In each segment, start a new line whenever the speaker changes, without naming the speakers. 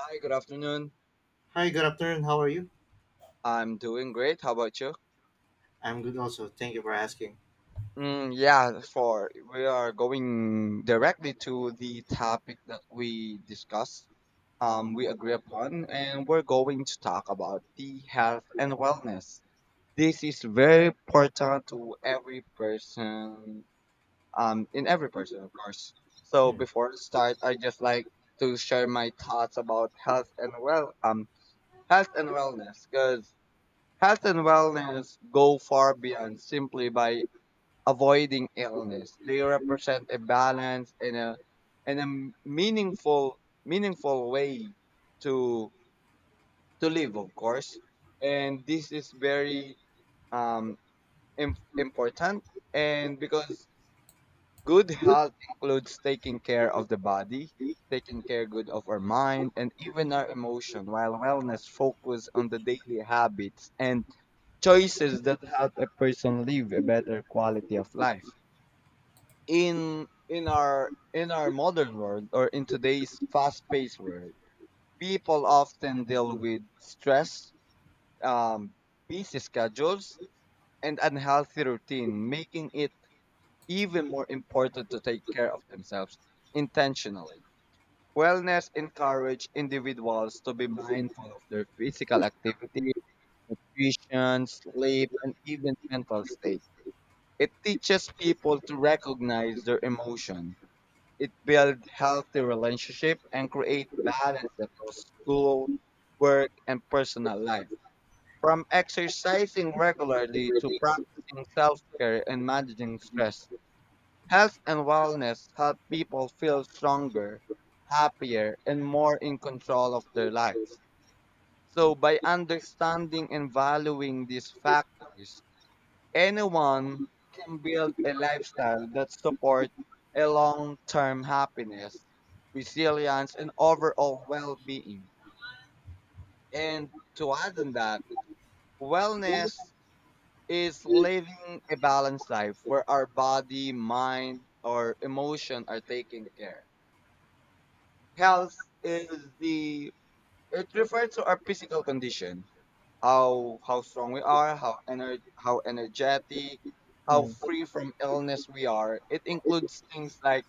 Hi, good afternoon.
Hi, good afternoon. How are you?
I'm doing great. How about you?
I'm good also. Thank you for asking.
Mm, yeah, for we are going directly to the topic that we discussed, we agree upon, and we're going to talk about the health and wellness. This is very important to every person, in every person, of course. So
Mm,
before we start, I just like to share my thoughts about health and health and wellness, because health and wellness go far beyond simply by avoiding illness. They represent a balance and a meaningful meaningful way to to live, of course. And this is very um important. And because good health includes taking care of the body, taking care good of our mind and even our emotion, while wellness focus on the daily habits and choices that help a person live a better quality of life in our modern world, or in today's fast-paced world people often deal with stress, um, busy schedules and unhealthy routine, making it even more important to take care of themselves intentionally. Wellness encourage individuals to be mindful of their physical activity, nutrition, sleep, and even mental state. It teaches people to recognize their emotion. It builds healthy relationship and create balance across school, work, and personal life. From exercising regularly to practicing self-care and managing stress, health and wellness help people feel stronger, happier, and more in control of their lives. So by understanding and valuing these factors, anyone can build a lifestyle that supports a long-term happiness, resilience, and overall well-being. And to add on that, wellness is living a balanced life where our body, mind, or emotion are taken care. Health is the It refers to our physical condition, how strong we are, how energetic, how
mm,
free from illness we are. It includes things like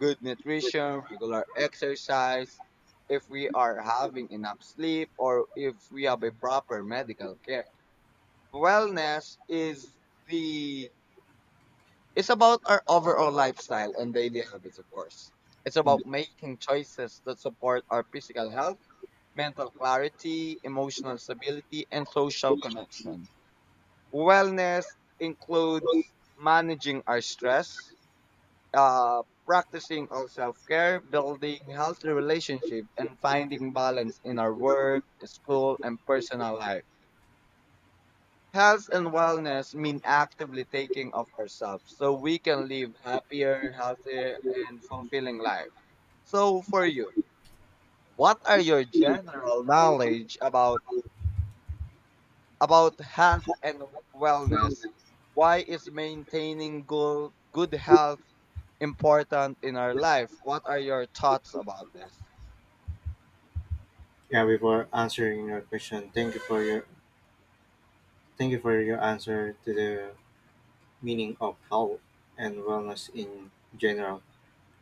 good nutrition, regular exercise, if we are having enough sleep, or if we have a proper medical care. Wellness is the It's about our overall lifestyle and daily habits, of course. It's
mm.
about making choices that support our physical health, mental clarity, emotional stability, and social connection. Wellness includes managing our stress, practicing our self care, building healthy relationships, and finding balance in our work, school, and personal life. Health and wellness mean actively taking of ourselves so we can live happier, healthier, and fulfilling life. So, for you, what are your general knowledge about health and wellness? Why is maintaining good health important in our life? What are your thoughts about this?
Yeah, before answering your question, thank you for your answer to the meaning of health and wellness in general.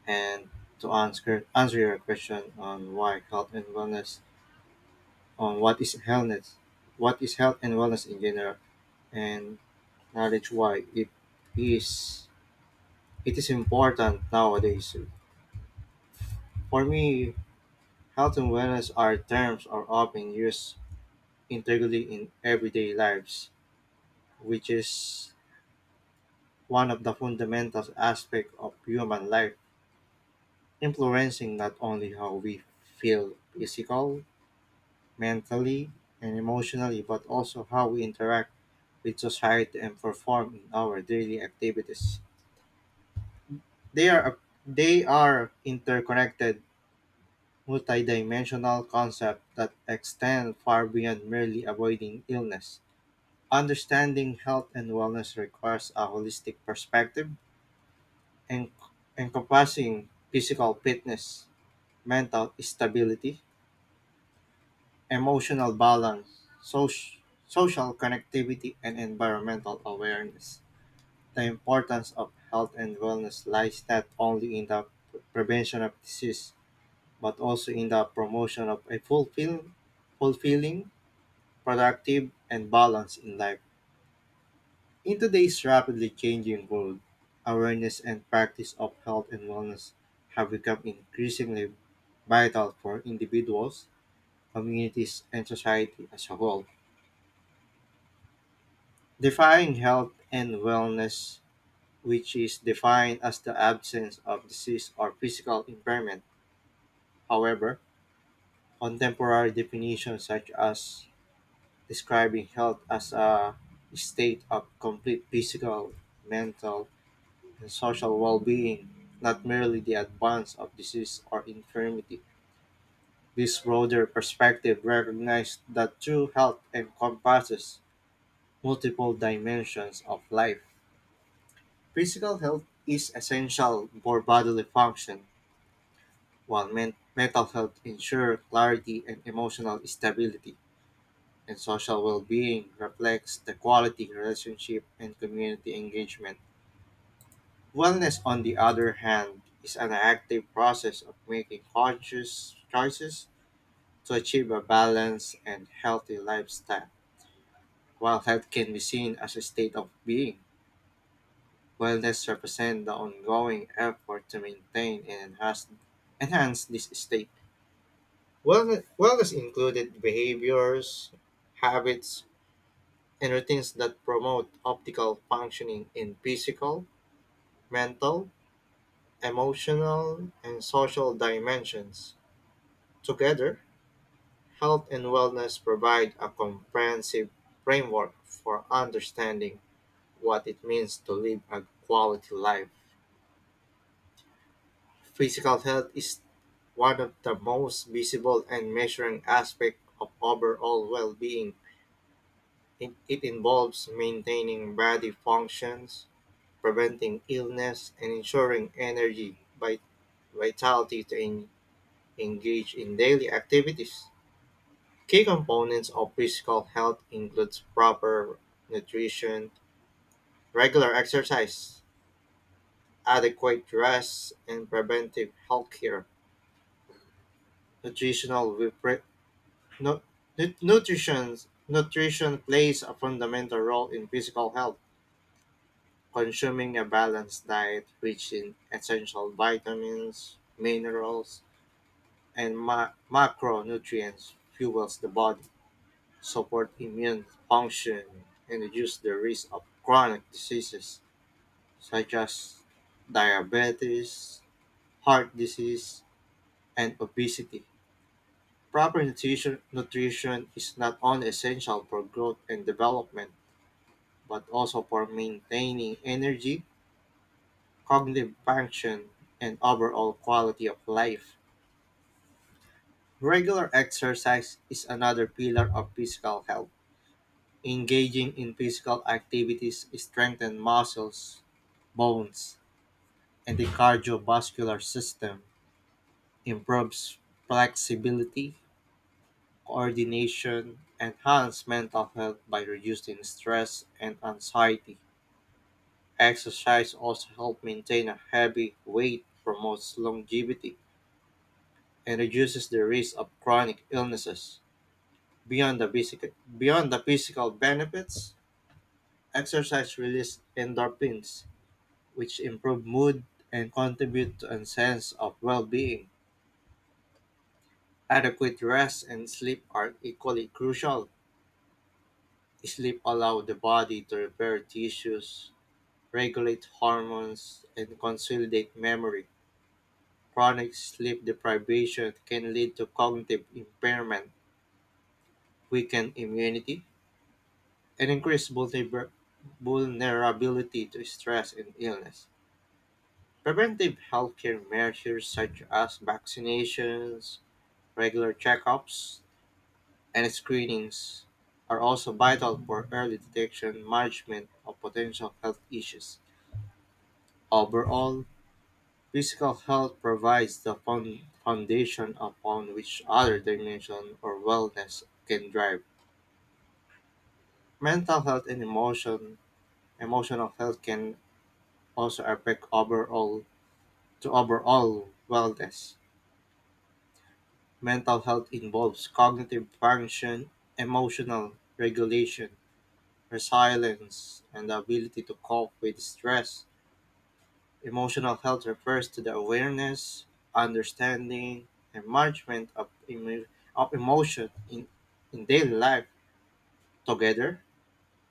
And to answer your question on why health and wellness on what is healthness what is health and wellness in general, and knowledge why is it is important nowadays. For me, health and wellness are terms are often used integrity in everyday lives, which is one of the fundamental aspects of human life, influencing not only how we feel physical, mentally, and emotionally, but also how we interact with society and perform in our daily activities. They are they are interconnected multidimensional concepts that extend far beyond merely avoiding illness. Understanding health and wellness requires a holistic perspective, en- encompassing physical fitness, mental stability, emotional balance, soc- social connectivity, and environmental awareness. The importance of health and wellness lies not only in the prevention of disease, but also in the promotion of a fulfilling, productive, and balanced in life. In today's rapidly changing world, awareness and practice of health and wellness have become increasingly vital for individuals, communities, and society as a whole. Defying health and wellness, which is defined as the absence of disease or physical impairment. However, contemporary definitions such as describing health as a state of complete physical, mental, and social well being, not merely the advance of disease or infirmity. This broader perspective recognizes that true health encompasses multiple dimensions of life. Physical health is essential for bodily function, while mental health ensures clarity and emotional stability, and social well-being reflects the quality relationship and community engagement. Wellness, on the other hand, is an active process of making conscious choices to achieve a balanced and healthy lifestyle, while health can be seen as a state of being. Wellness represents the ongoing effort to maintain and enhance this state. Wellness included behaviors, habits, and routines that promote optimal functioning in physical, mental, emotional, and social dimensions. Together, health and wellness provide a comprehensive framework for understanding what it means to live a quality life. Physical health is one of the most visible and measuring aspects of overall well-being. It involves maintaining body functions, preventing illness, and ensuring energy by vitality to engage in daily activities. Key components of physical health includes proper nutrition, regular exercise, adequate rest, and preventive health care. Nutritional repre- Nu- nu- Nutrition Nutrition plays a fundamental role in physical health. Consuming a balanced diet rich in essential vitamins, minerals, and macronutrients fuels the body, support immune function, and reduce the risk of chronic diseases such as diabetes, heart disease, and obesity. Nutrition is not only essential for growth and development but also for maintaining energy, cognitive function, and overall quality of life. Regular exercise is another pillar of physical health. Engaging in physical activities strengthens muscles, bones, and the cardiovascular system, improves flexibility, coordination, enhance mental health by reducing stress and anxiety. Exercise also helps maintain a heavy weight, promotes longevity, and reduces the risk of chronic illnesses. Beyond the physical, Beyond the physical benefits, exercise releases endorphins, which improve mood and contribute to a sense of well-being. Adequate rest and sleep are equally crucial. Sleep allows the body to repair tissues, regulate hormones, and consolidate memory. Chronic sleep deprivation can lead to cognitive impairment, weakened immunity, and increased vulnerability to stress and illness. Preventive healthcare measures such as vaccinations, regular checkups, and screenings are also vital for early detection and management of potential health issues. Overall, physical health provides the foundation upon which other dimensions or wellness can drive. Mental health and emotion, Emotional health can also affect overall to overall wellness. Mental health involves cognitive function, emotional regulation, resilience, and the ability to cope with stress. Emotional health refers to the awareness, understanding, and management of emotion in daily life. Together,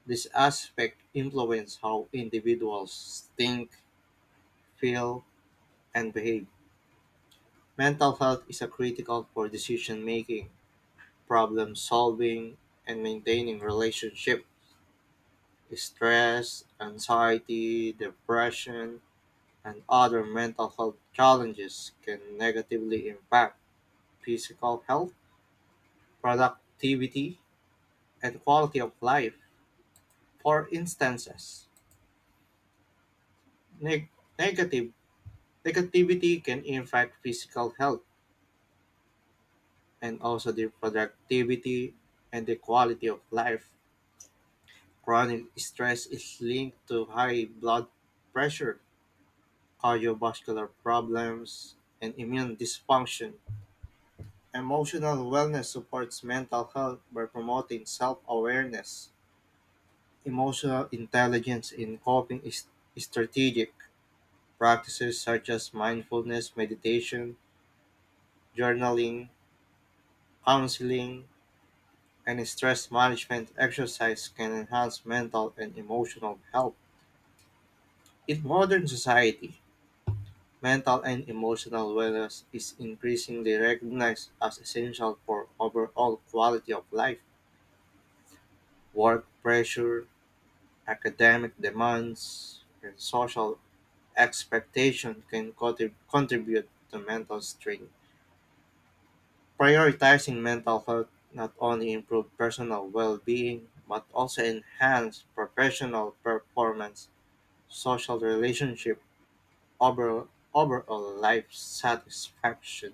this aspect influence how individuals think, feel, and behave. Mental health is a critical for decision making, problem solving, and maintaining relationship. Stress, anxiety, depression, and other mental health challenges can negatively impact physical health, productivity, and quality of life. For instances, neg- negative negativity can impact physical health and also the productivity and the quality of life. Chronic stress is linked to high blood pressure, cardiovascular problems, and immune dysfunction. Emotional wellness supports mental health by promoting self awareness. Emotional intelligence in coping is strategic. Practices such as mindfulness, meditation, journaling, counseling, and stress management exercise can enhance mental and emotional health. In modern society, mental and emotional wellness is increasingly recognized as essential for overall quality of life. Work pressure, academic demands, and social expectation can contribute to mental strain. Prioritizing mental health not only improves personal well-being but also enhance professional performance, social relationship, over, overall life satisfaction.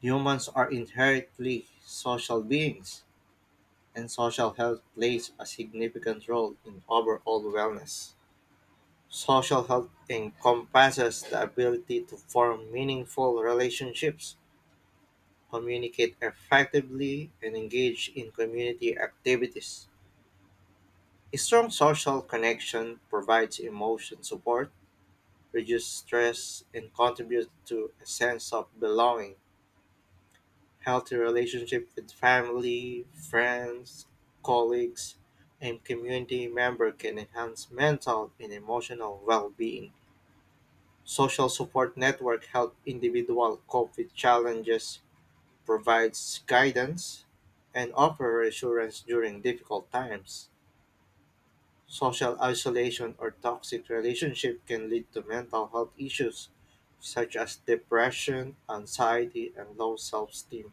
Humans are inherently social beings, and social health plays a significant role in overall wellness. Social health encompasses the ability to form meaningful relationships, communicate effectively, and engage in community activities. A strong social connection provides emotion support, reduces stress, and contributes to a sense of belonging. Healthy relationship with family, friends, colleagues, and community member can enhance mental and emotional well-being. Social support network help individual cope with challenges, provides guidance, and offer reassurance during difficult times. Social isolation or toxic relationship can lead to mental health issues such as depression, anxiety, and low self-esteem.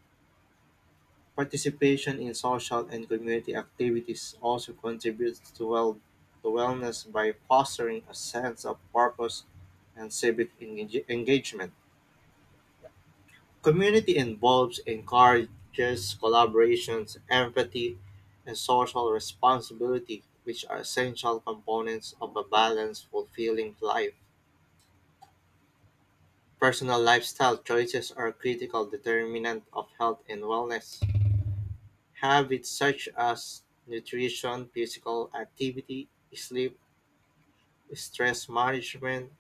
Participation in social and community activities also contributes to, well, to wellness by fostering a sense of purpose and civic engagement. Community involves encourages collaborations, empathy, and social responsibility, which are essential components of a balanced, fulfilling life. Personal lifestyle choices are a critical determinant of health and wellness. Habits such as nutrition, physical activity, sleep, stress management,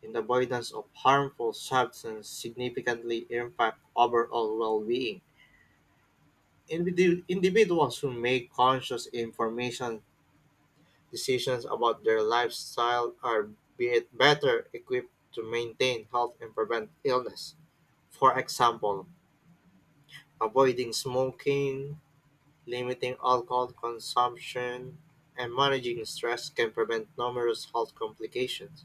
and avoidance of harmful substances significantly impact overall well-being. Individuals who make conscious information decisions about their lifestyle are better equipped to maintain health and prevent illness. For example, avoiding smoking, limiting alcohol consumption, and managing stress can prevent numerous health complications.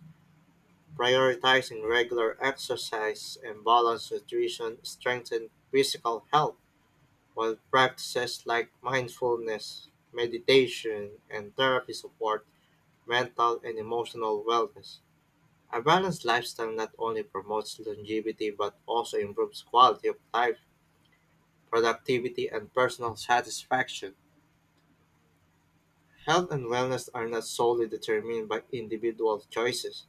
Prioritizing regular exercise and balanced nutrition strengthen physical health, while practices like mindfulness, meditation, and therapy support mental and emotional wellness. A balanced lifestyle not only promotes longevity but also improves quality of life, productivity, and personal satisfaction. Health and wellness are not solely determined by individual choices.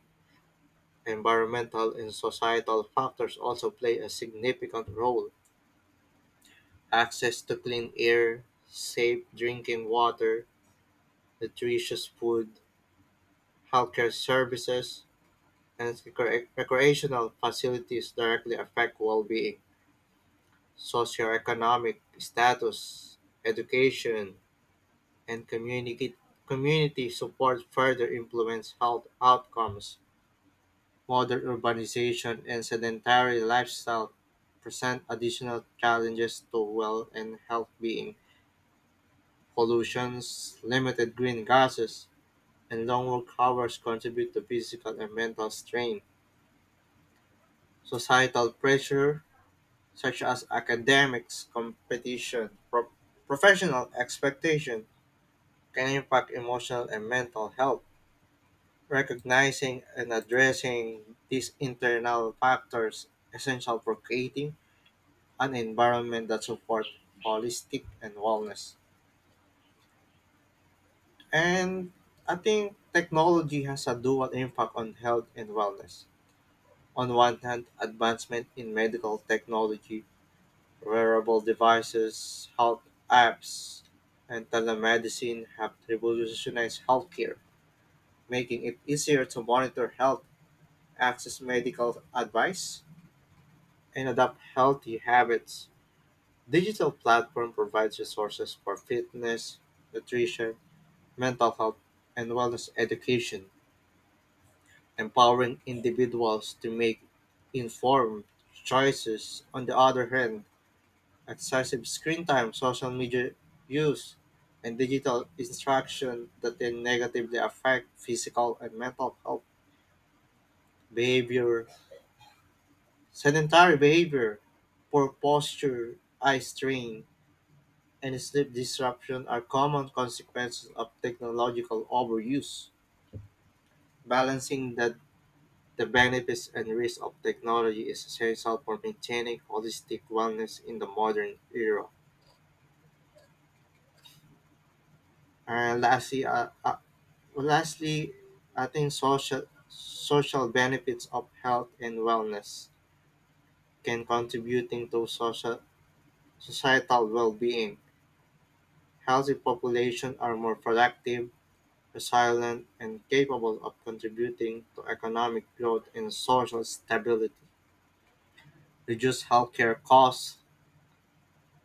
Environmental and societal factors also play a significant role. Access to clean air, safe drinking water, nutritious food, healthcare services, and recreational facilities directly affect well-being. Socioeconomic status, education, and community support further influence health outcomes. Modern urbanization and sedentary lifestyle present additional challenges to well and health being. Pollutions, limited green gases, and long work hours contribute to physical and mental strain. Societal pressure such as academics, competition, professional expectation, can impact emotional and mental health. Recognizing and addressing these internal factors essential for creating an environment that supports holistic and wellness. And I think technology has a dual impact on health and wellness. On one hand, advancement in medical technology, wearable devices, health apps, and telemedicine have revolutionized healthcare, making it easier to monitor health, access medical advice, and adopt healthy habits. Digital platform provides resources for fitness, nutrition, mental health, and wellness education, empowering individuals to make informed choices. On the other hand, excessive screen time, social media use, and digital instruction that then negatively affect physical and mental health, behavior, sedentary behavior, poor posture, eye strain, and sleep disruption are common consequences of technological overuse. Balancing the benefits and risks of technology is essential for maintaining holistic wellness in the modern era. And lastly, I think social benefits of health and wellness can contributing to social societal well-being. Healthy population are more productive, resilient, and capable of contributing to economic growth and social stability. Reduce healthcare costs,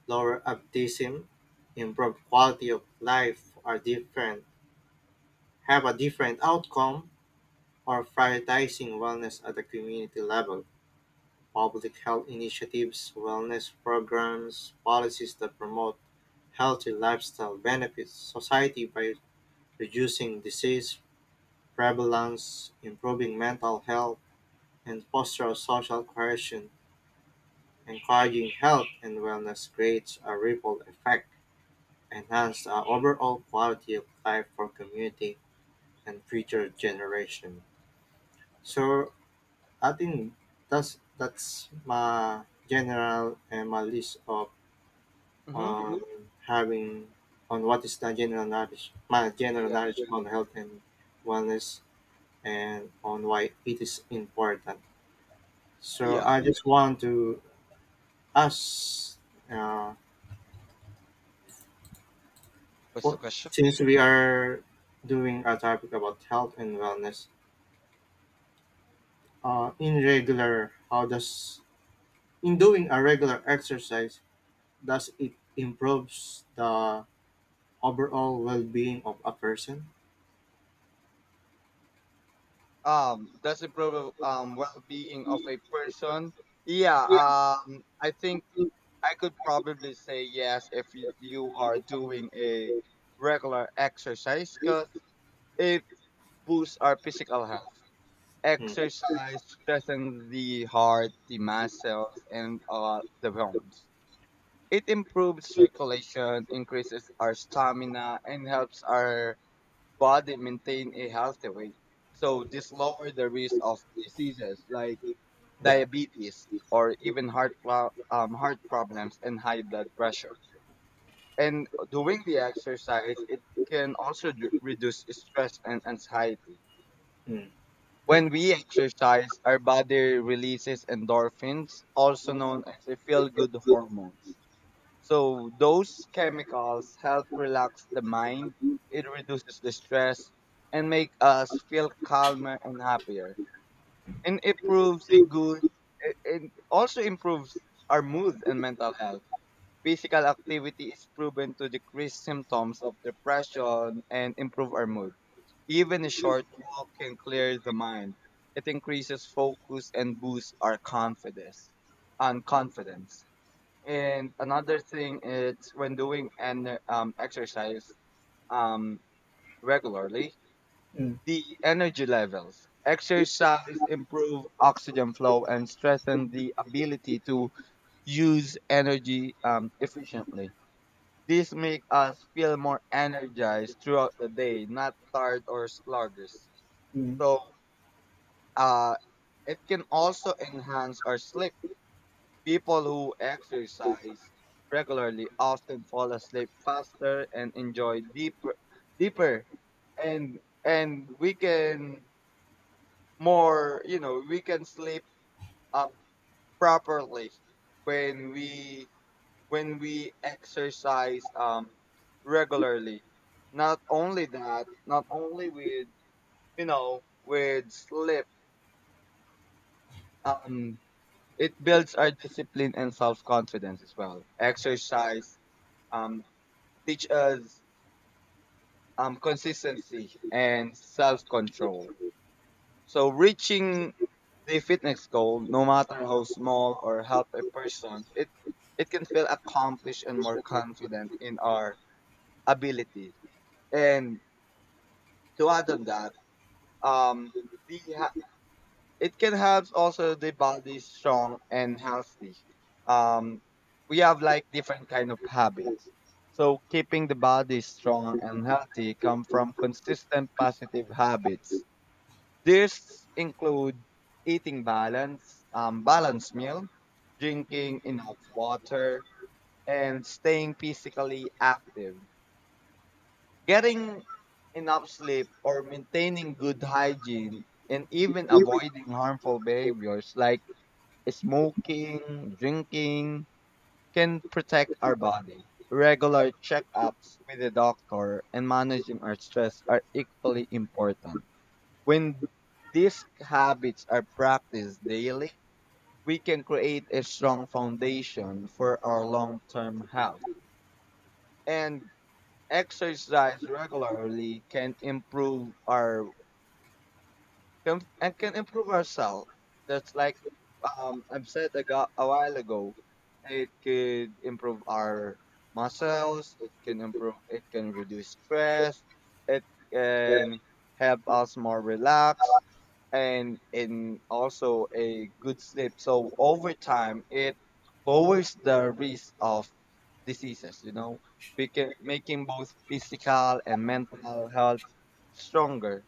lower absenteeism, improve quality of life are different have a different outcome or prioritizing wellness at the community level. Public health initiatives, wellness programs, policies that promote healthy lifestyle benefits society by reducing disease prevalence, improving mental health, and foster social cohesion. Encouraging health and wellness creates a ripple effect, enhance the overall quality of life for community and future generation. So I think that's my general and my list of
Mm-hmm.
on having on what is the general knowledge, my general
Yeah.
knowledge on health and wellness, and on why it is important. So
Yeah.
I just want to ask, uh,
What's the
for,
question?
since we are doing a topic about health and wellness, in regular, how does in doing a regular exercise does it improves the overall well-being of a person?
Does it improve well-being of a person? Yeah. I think I could probably say yes if you are doing a regular exercise because it boosts our physical health.
Mm,
Exercise strengthens the heart, the muscles, and the bones. It improves circulation, increases our stamina, and helps our body maintain a healthy weight. So this lowers the risk of diseases like
mm,
diabetes or even heart problems and high blood pressure. And doing the exercise, it can also reduce stress and anxiety.
mm, right.
When we exercise, our body releases endorphins, also known as the feel good hormones. So, those chemicals help relax the mind, it reduces the stress, and make us feel calmer and happier. And improves a good, It also improves our mood and mental health. Physical activity is proven to decrease symptoms of depression and improve our mood. Even a short walk can clear the mind. It increases focus and boosts our confidence. And another thing is when doing an exercise um, regularly,
Mm,
the energy levels. Exercise improve oxygen flow and strengthen the ability to use energy efficiently. This makes us feel more energized throughout the day, not tired or sluggish.
mm.
So, uh, it can also enhance our sleep. People who exercise regularly often fall asleep faster and enjoy deeper, and we can more, you know, we can sleep up properly when we when we exercise regularly. Not only that, not only with you know with sleep, um, it builds our discipline and self confidence as well. Exercise um teach us consistency and self control. So reaching the fitness goal, no matter how small or help a person, it can feel accomplished and more confident in our ability. And to add on that, um, the ha- it can help also the body strong and healthy. Um, we have like different kind of habits. So keeping the body strong and healthy come from consistent positive habits. This include eating balanced meal, drinking enough water, and staying physically active. Getting enough sleep or maintaining good hygiene and even avoiding harmful behaviors like smoking, drinking can protect our body. Regular checkups with a doctor and managing our stress are equally important. When these habits are practiced daily, we can create a strong foundation for our long term health. And exercise regularly can improve ourselves. That's like I've said a while ago. It could improve our muscles. It can improve. It can reduce stress. It can help us more relaxed and in also a good sleep. So over time, it lowers the risk of diseases. We can making both physical and mental health stronger,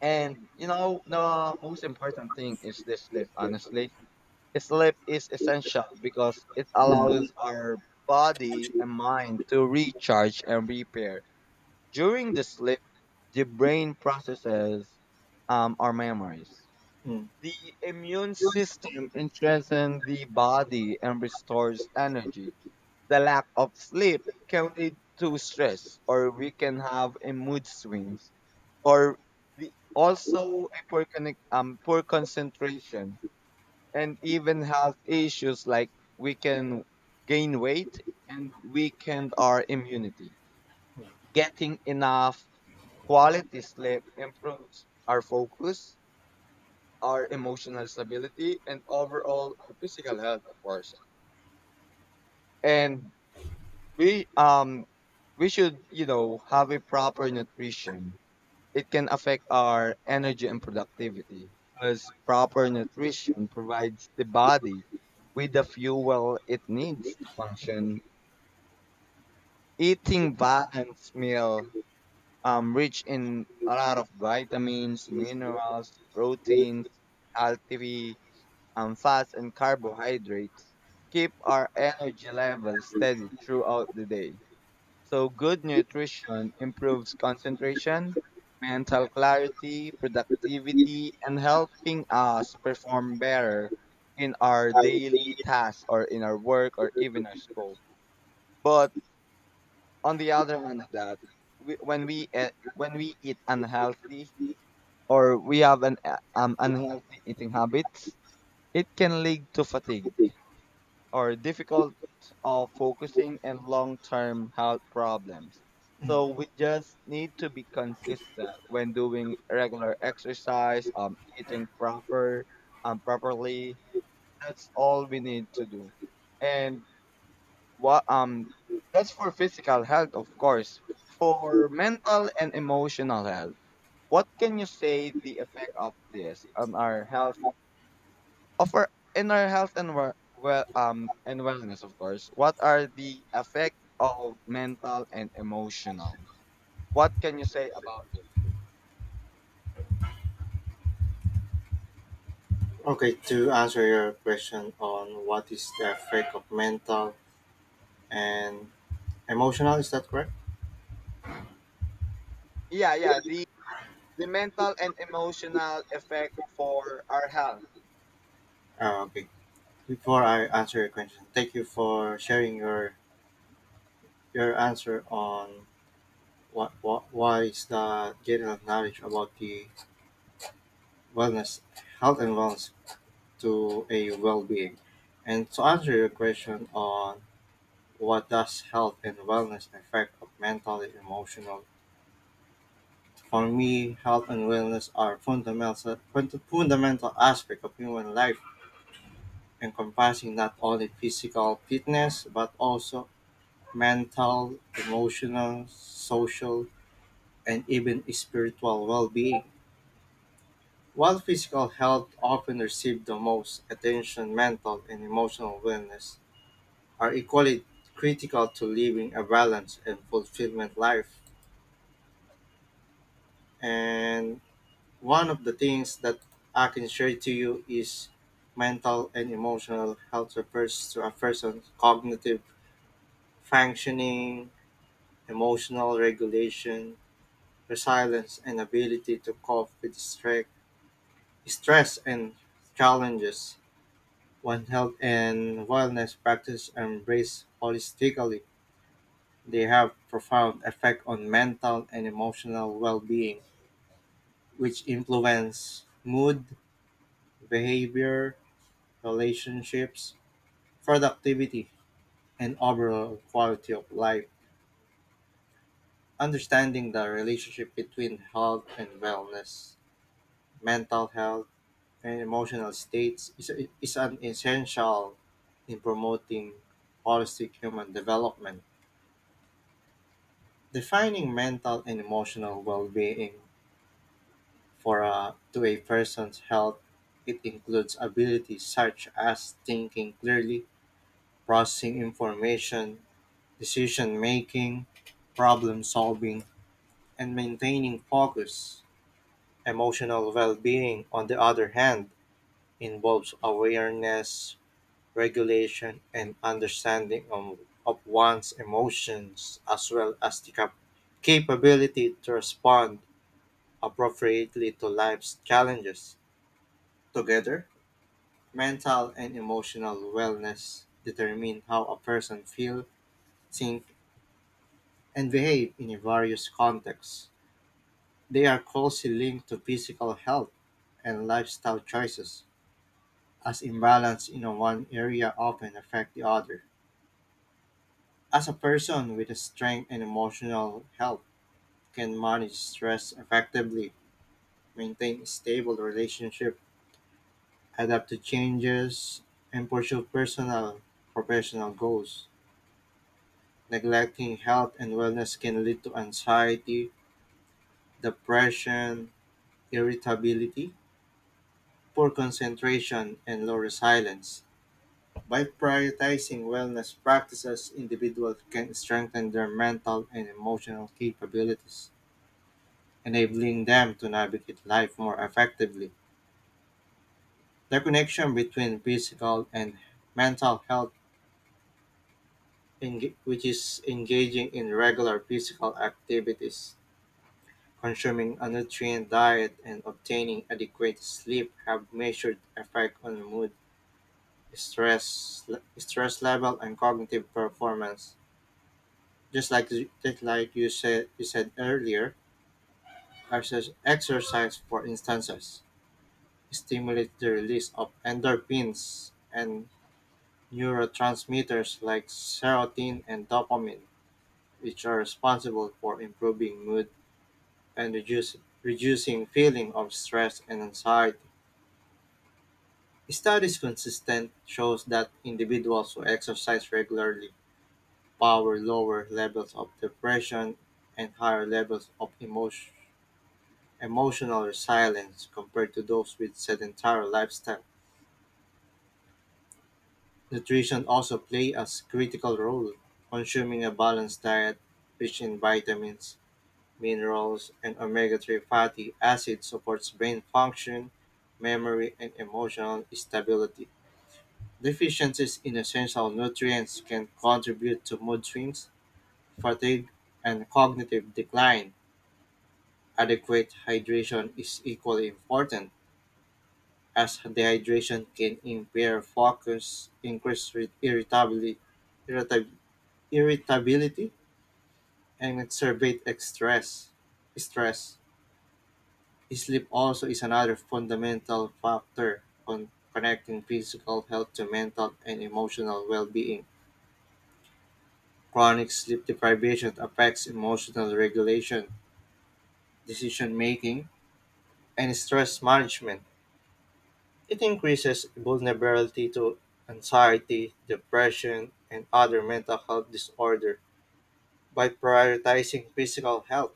and the most important thing is the sleep, honestly. Sleep is essential because it
Mm,
allows our body and mind to recharge and repair. During the sleep, the brain processes our memories.
mm.
The immune system strengthens the body and restores energy. The lack of sleep can lead to stress, or we can have a mood swings, or the, also a poor, connect, poor concentration, and even health issues like we can gain weight and weaken our immunity. Getting enough quality sleep improves our focus, our emotional stability, and overall our physical health, of course. And we um we should have a proper nutrition. It can affect our energy and productivity because proper nutrition provides the body with the fuel it needs to function. Eating balanced meal rich in a lot of vitamins, minerals, proteins, healthy fats and carbohydrates keep our energy levels steady throughout the day. So, good nutrition improves concentration, mental clarity, productivity, and helping us perform better in our daily tasks or in our work or even our school. But on the other hand, of that we, when we when we eat unhealthy or we have an unhealthy eating habits, it can lead to fatigue or difficult of focusing and long-term health problems. So
mm.
we just need to be consistent when doing regular exercise, eating properly. That's all we need to do. And what that's for physical health, of course. For mental and emotional health, what can you say the effect of this on our health? Of our health and wel well and wellness, of course. What are the effect of mental and emotional, what can you say about this?
Okay, to answer your question on what is the effect of mental and emotional, is that correct?
Yeah, yeah, the mental and emotional effect for our health.
Okay. Before I answer your question, thank you for sharing your answer on what is the getting of knowledge about the wellness, health and wellness to a well being, and to answer your question on what does health and wellness affect of mental, emotional. For me, health and wellness are fundamental, fundamental aspects of human life, encompassing not only physical fitness but also mental, emotional, social, and even spiritual well-being. While physical health often receives the most attention, mental and emotional wellness are equally critical to living a balanced and fulfillment life. And One of the things that I can share to you is mental and emotional health refers to a person's cognitive functioning, emotional regulation, resilience, and ability to cope with stress and challenges. When health and wellness practices are embraced holistically, they have profound effect on mental and emotional well-being, which influence mood, behavior, relationships, productivity, and overall quality of life. Understanding the relationship between health and wellness, mental health, and emotional states is an essential in promoting holistic human development. Defining mental and emotional well-being for a, to a person's health, it includes abilities such as thinking clearly, processing information, decision making, problem solving, and maintaining focus. Emotional well being, on the other hand, involves awareness, regulation, and understanding of one's emotions, as well as the capability to respond appropriately to life's challenges. Together, mental and emotional wellness determine how a person feels, think, and behave in various contexts. They are closely linked to physical health and lifestyle choices, as imbalance in one area often affect the other. As a person with a strength and emotional health can manage stress effectively, maintain a stable relationship, adapt to changes, and pursue personal professional goals. Neglecting health and wellness can lead to anxiety, depression, irritability, poor concentration, and low resilience. By prioritizing wellness practices, individuals can strengthen their mental and emotional capabilities, enabling them to navigate life more effectively. The connection between physical and mental health, which is engaging in regular physical activities, consuming a nutrient diet, and obtaining adequate sleep, have measured effect on mood, stress, stress level, and cognitive performance. Just like you said earlier, exercise, for instance, stimulates the release of endorphins and neurotransmitters like serotonin and dopamine, which are responsible for improving mood and reducing feeling of stress and anxiety. Studies consistent shows that individuals who exercise regularly power lower levels of depression and higher levels of emotional resilience compared to those with sedentary lifestyle. Nutrition also play a critical role. Consuming a balanced diet rich in vitamins, minerals, and omega-3 fatty acid supports brain function, memory, and emotional stability. Deficiencies in essential nutrients can contribute to mood swings, fatigue, and cognitive decline. Adequate hydration is equally important as dehydration can impair focus, increase irritability, irritab- irritability, and exacerbate stress. Stress. Sleep also is another fundamental factor connecting physical health to mental and emotional well-being. Chronic sleep deprivation affects emotional regulation, decision making, and stress management. It increases vulnerability to anxiety, depression, and other mental health disorder. By prioritizing physical health,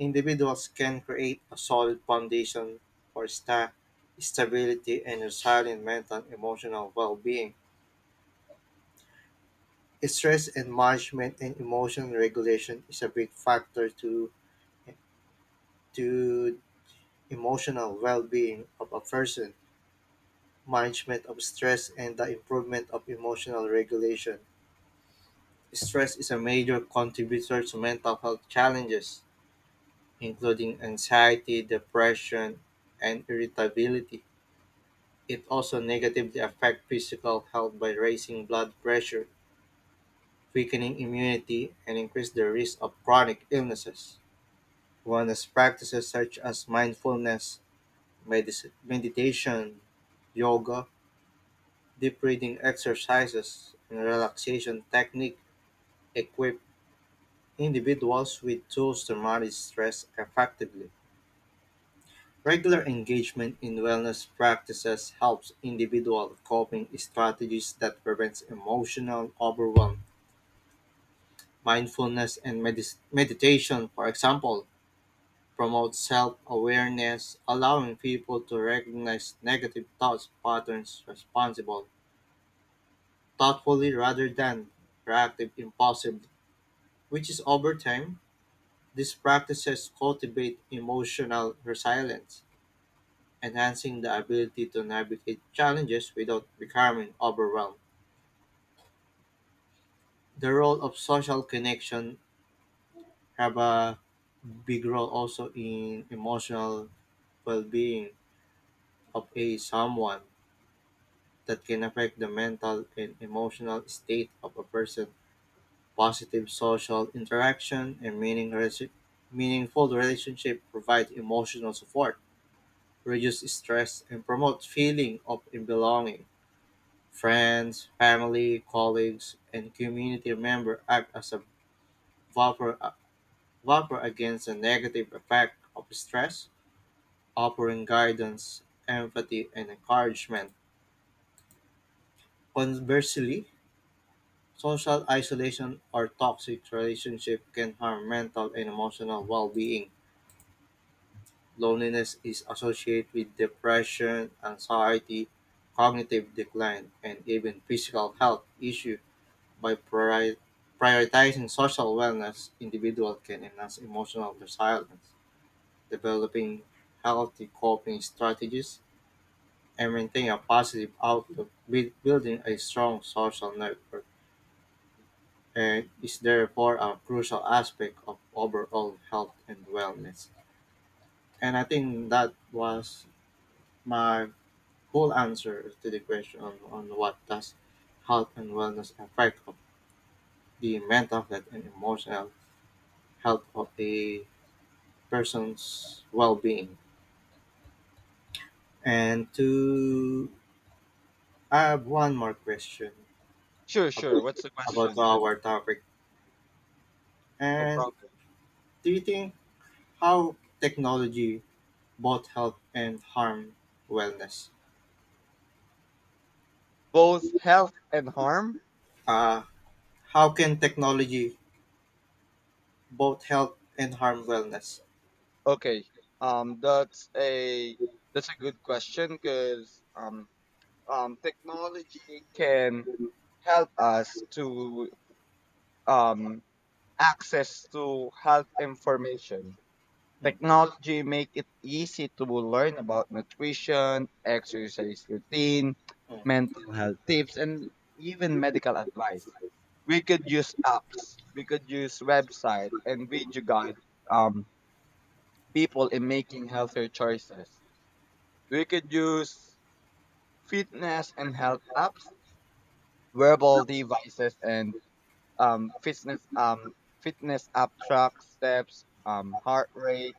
individuals can create a solid foundation for stability and resilient mental and emotional well-being. Stress and management and emotion regulation is a big factor to emotional well-being of a person. Management of stress and the improvement of emotional regulation. Stress is a major contributor to mental health challenges, including anxiety, depression, and irritability. It also negatively affects physical health by raising blood pressure, weakening immunity, and increase the risk of chronic illnesses. Wellness practices such as mindfulness, meditation, yoga, deep breathing exercises, and relaxation technique equip individuals with tools to manage stress effectively. Regular engagement in wellness practices helps individual coping strategies that prevents emotional overwhelm. Mindfulness and meditation, for example, promote self-awareness, allowing people to recognize negative thoughts patterns responsible thoughtfully rather than reactive impulsively, which is over time, these practices cultivate emotional resilience, enhancing the ability to navigate challenges without becoming overwhelmed. The role of social connection have a big role also in emotional well-being of a someone that can affect the mental and emotional state of a person. Positive social interaction and meaningful relationship provide emotional support, reduce stress, and promote feeling of belonging. Friends, family, colleagues, and community members act as a buffer, buffer against the negative effect of stress, offering guidance, empathy, and encouragement. Conversely, social isolation or toxic relationship can harm mental and emotional well-being. Loneliness is associated with depression, anxiety, cognitive decline, and even physical health issues. By priori- prioritizing social wellness, individuals can enhance emotional resilience, developing healthy coping strategies, and maintain a positive outlook, building a strong social network, and is therefore a crucial aspect of overall health and wellness. And I think that was my full answer to the question on what does health and wellness affect of the mental health and emotional health of a person's well-being. And to I have one more question
Sure, sure, what's the
about
question?
our topic.
No
And
problem.
do you think how technology both help and harm wellness?
Both health and harm?
Uh, how can technology both help and harm wellness?
Okay, um that's a that's a good question because technology can help us to um, access to health information.
Mm,
Technology make it easy to learn about nutrition, exercise routine, mental health tips, and even medical advice. We could use apps, we could use website and video guide um, people in making healthier choices. We could use fitness and health apps, wearable devices, and um, fitness um, fitness app tracks steps, heart rate,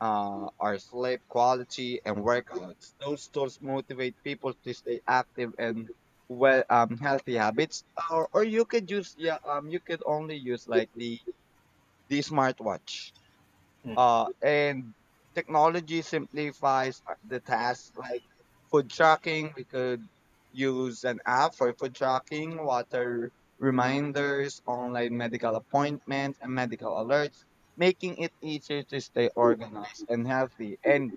our sleep quality, and workouts. Those tools motivate people to stay active and healthy habits. Or you could only use like the smartwatch.
mm,
And technology simplifies the task like food tracking. We could use an app for food tracking, water reminders, online medical appointments, and medical alerts, making it easier to stay organized and healthy. And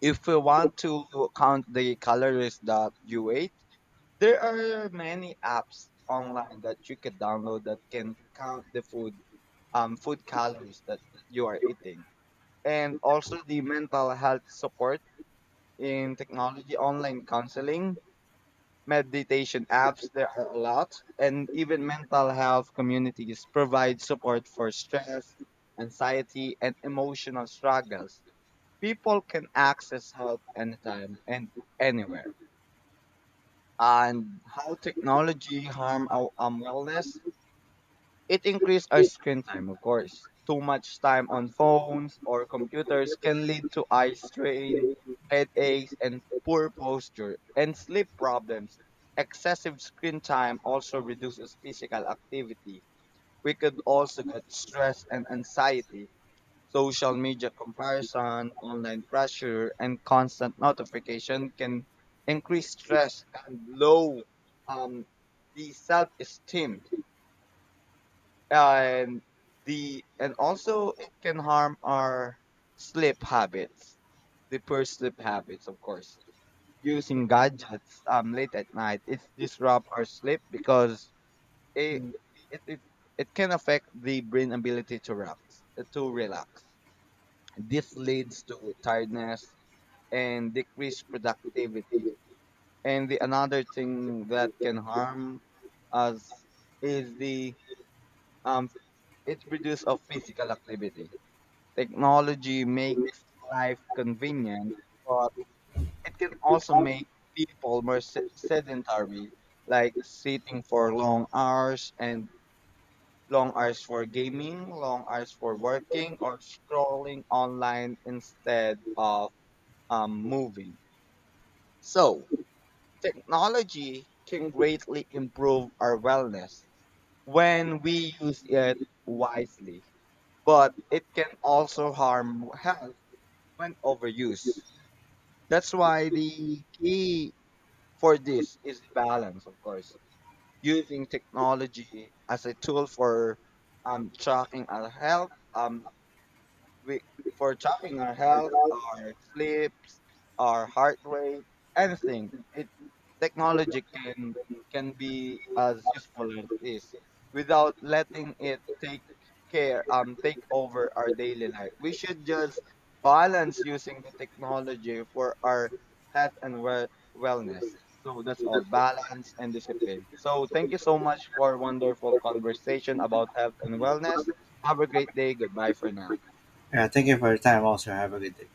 if we want to count the calories that you ate, there are many apps online that you could download that can count the food calories that you are eating. And also the mental health support in technology, online counseling, meditation apps. There are a lot, and even mental health communities provide support for stress, anxiety, and emotional struggles. People can access help anytime and anywhere. And how technology harm our wellness? It increased our screen time, of course. Too much time on phones or computers can lead to eye strain, headaches, and poor posture and sleep problems. Excessive screen time also reduces physical activity. We could also get stress and anxiety. Social media comparison, online pressure, and constant notification can increase stress and low um, the self-esteem. And the and also it can harm our sleep habits, the poor sleep habits, of course. Using gadgets late at night, it disrupt our sleep because it
mm.
it, it it can affect the brain ability to relax. This leads to tiredness and decreased productivity. And the another thing that can harm us is the um it reduce of physical activity. Technology makes life convenient, but it can also make people more sedentary, like sitting for long hours and long hours for gaming, long hours for working, or scrolling online instead of moving. So, technology can greatly improve our wellness when we use it wisely, but it can also harm health when overused. That's why the key for this is balance, of course, using technology as a tool for tracking our health, we, for tracking our health, our sleeps, our heart rate, anything. It technology can be as useful as it is without letting it take over our daily life. We should just balance using the technology for our health and wellness. So that's all balance and discipline. So thank you so much for wonderful conversation about health and wellness. Have a great day. Goodbye for now.
Yeah, thank you for your time. Also, have a good day.